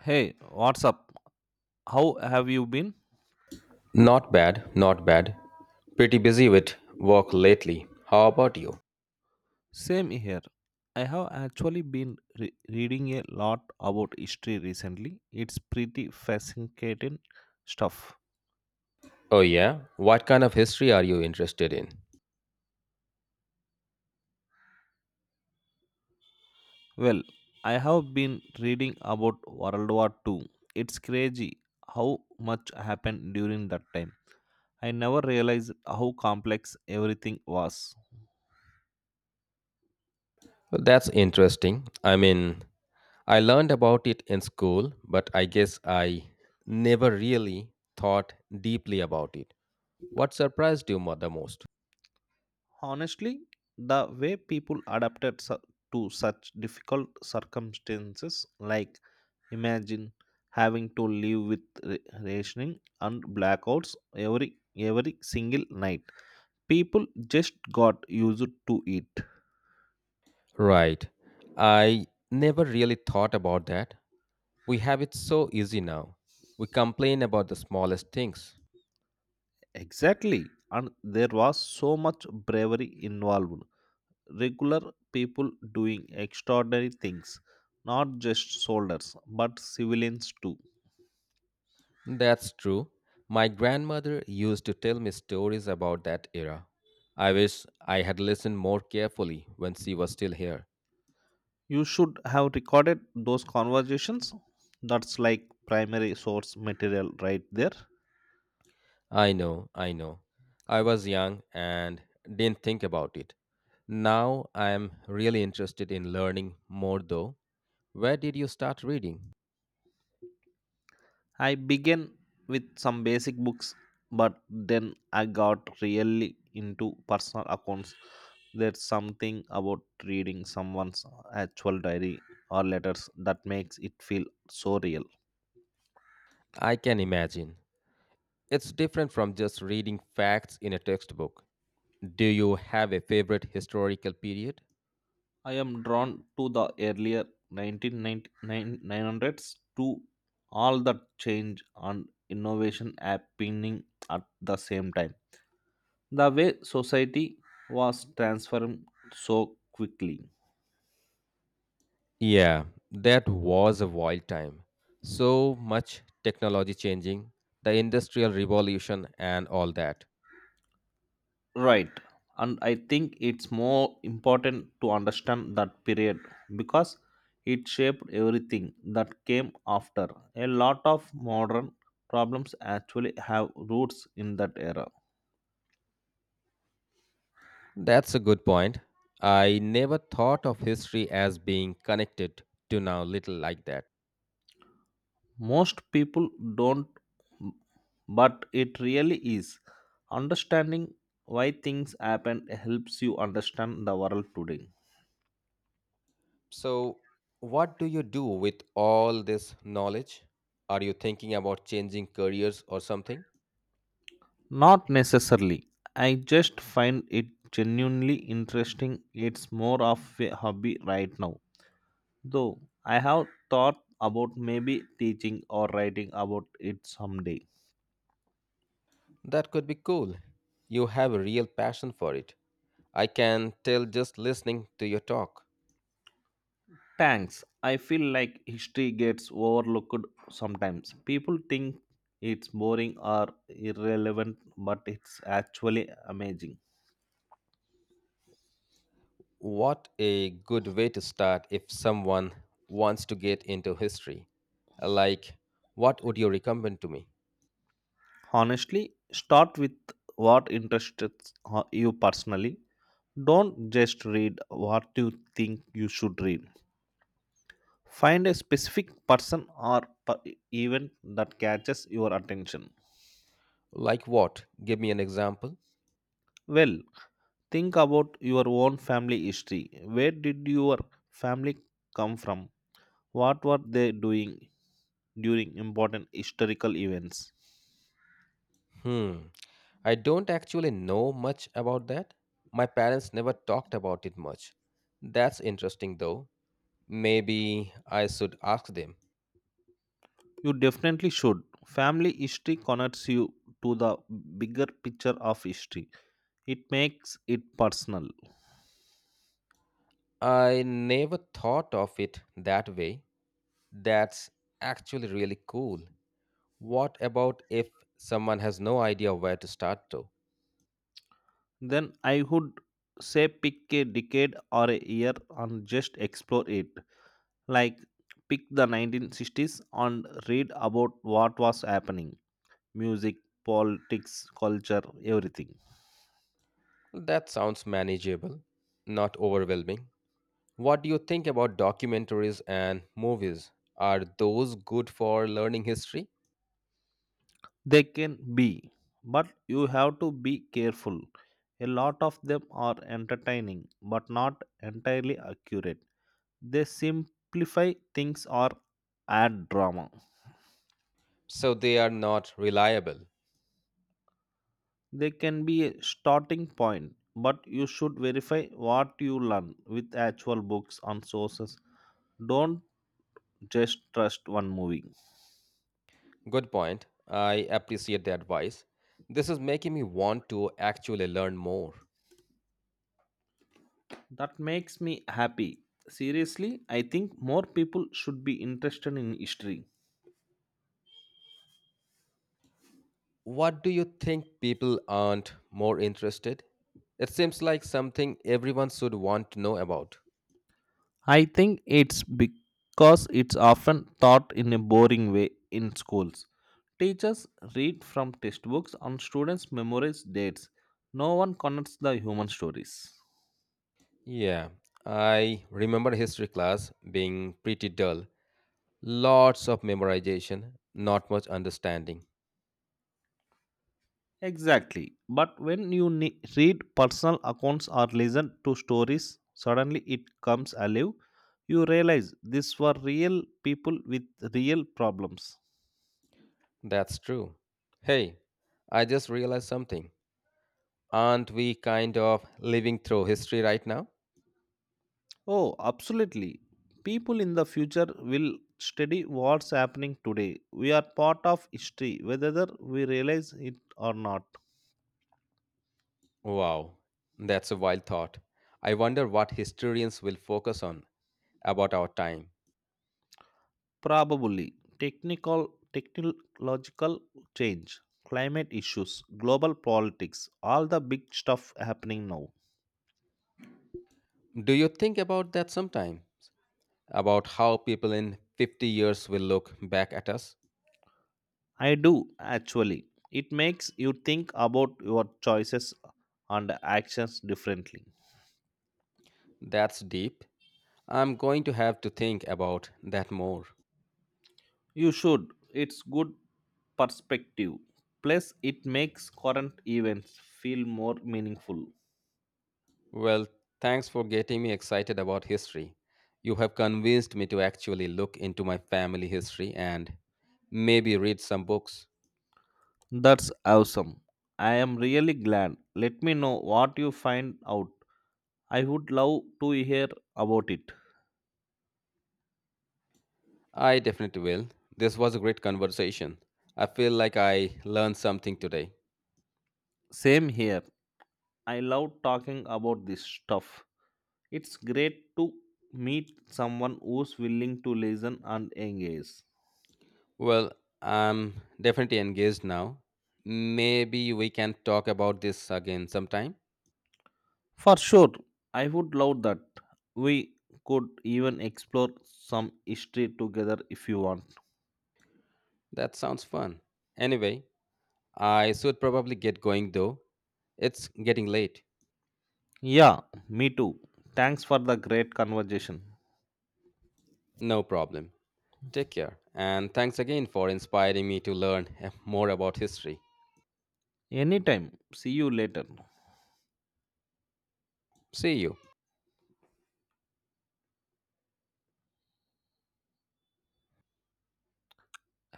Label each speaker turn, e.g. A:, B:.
A: Hey, what's up? How have you been?
B: Not bad, not bad. Pretty busy with work lately. How about you?
A: Same here. I have actually been reading a lot about history recently. It's pretty fascinating stuff.
B: Oh, yeah? What kind of history are you interested in?
A: Well, I have been reading about World War Two. It's crazy how much happened during that time. I never realized how complex everything was.
B: Well, that's interesting. I learned about it in school, but I guess I never really thought deeply about it. What surprised you the most?
A: Honestly, the way people adapted to such difficult circumstances, like imagine having to live with rationing and blackouts every single night, people just got used to it.
B: Right. I never really thought about that. We have it so easy now. We complain about the smallest things.
A: Exactly, and there was so much bravery involved. Regular people doing extraordinary things, not just soldiers, but civilians too.
B: That's true. My grandmother used to tell me stories about that era. I wish I had listened more carefully when she was still here.
A: You should have recorded those conversations. That's like primary source material right there.
B: I know. I was young and didn't think about it. Now I am really interested in learning more, though. Where did you start reading?
A: I began with some basic books, but then I got really into personal accounts. There's something about reading someone's actual diary or letters that makes it feel so real.
B: I can imagine. It's different from just reading facts in a textbook. Do you have a favorite historical period?
A: I am drawn to the earlier 1990s, to all the change and innovation happening at the same time, the way society was transformed so quickly.
B: Yeah, that was a wild time. So much technology changing, the industrial revolution, and all that.
A: Right. And I think it's more important to understand that period because it shaped everything that came after. A lot of modern problems actually have roots in that era.
B: That's a good point. I never thought of history as being connected to now little like that.
A: Most people don't, but it really is. Understanding why things happened helps you understand the world today.
B: So, what do you do with all this knowledge? Are you thinking about changing careers or something?
A: Not necessarily. I just find it genuinely interesting. It's more of a hobby right now. Though I have thought about maybe teaching or writing about it someday.
B: That could be cool. You have a real passion for it. I can tell just listening to your talk.
A: Thanks. I feel like history gets overlooked sometimes. People think it's boring or irrelevant, but it's actually amazing.
B: What a good way to start if someone wants to get into history. Like, what would you recommend to me?
A: Honestly, start with what interests you personally. Don't just read what you think you should read. Find a specific person or event that catches your attention.
B: Like what? Give me an example.
A: Well, think about your own family history. Where did your family come from? What were they doing during important historical events?
B: Hmm, I don't actually know much about that. My parents never talked about it much. That's interesting though. Maybe I should ask them.
A: You definitely should. Family history connects you to the bigger picture of history, it makes it personal.
B: I never thought of it that way. That's actually really cool. What about if someone has no idea where to start though?
A: Then I would say pick a decade or a year and just explore it. Like pick the 1960s and read about what was happening: music, politics, culture, everything.
B: That sounds manageable, not overwhelming. What do you think about documentaries and movies? Are those good for learning history?
A: They can be, but you have to be careful. A lot of them are entertaining but not entirely accurate. They simplify things or add drama.
B: So they are not reliable.
A: They can be a starting point, but you should verify what you learn with actual books and sources. Don't just trust one movie.
B: Good point. I appreciate the advice. This is making me want to actually learn more.
A: That makes me happy. Seriously, I think more people should be interested in history.
B: What do you think people aren't more interested? It seems like something everyone should want to know about.
A: I think it's because it's often taught in a boring way in schools. Teachers read from textbooks and students memorize dates. No one connects the human stories.
B: Yeah, I remember history class being pretty dull. Lots of memorization, not much understanding.
A: Exactly. But when you read personal accounts or listen to stories, suddenly it comes alive. You realize these were real people with real problems.
B: That's true. Hey, I just realized something. Aren't we kind of living through history right now?
A: Oh, absolutely. People in the future will study what's happening today. We are part of history, whether we realize it or not.
B: Wow, that's a wild thought. I wonder what historians will focus on about our time.
A: Probably technological change, climate issues, global politics, all the big stuff happening now.
B: Do you think about that sometimes? About how people in 50 years will look back at us?
A: I do actually. It makes you think about your choices and actions differently.
B: That's deep. I'm going to have to think about that more.
A: You should. It's good perspective. Plus, it makes current events feel more meaningful.
B: Well, thanks for getting me excited about history. You have convinced me to actually look into my family history and maybe read some books.
A: That's awesome. I am really glad. Let me know what you find out. I would love to hear about it.
B: I definitely will. This was a great conversation. I feel like I learned something today.
A: Same here. I love talking about this stuff. It's great to meet someone who's willing to listen and engage.
B: Well, I'm definitely engaged now. Maybe we can talk about this again sometime.
A: For sure, I would love that. We could even explore some history together if you want.
B: That sounds fun. Anyway, I should probably get going though. It's getting late.
A: Yeah, me too. Thanks for the great conversation.
B: No problem. Take care, and thanks again for inspiring me to learn more about history.
A: Anytime. See you later.
B: See you.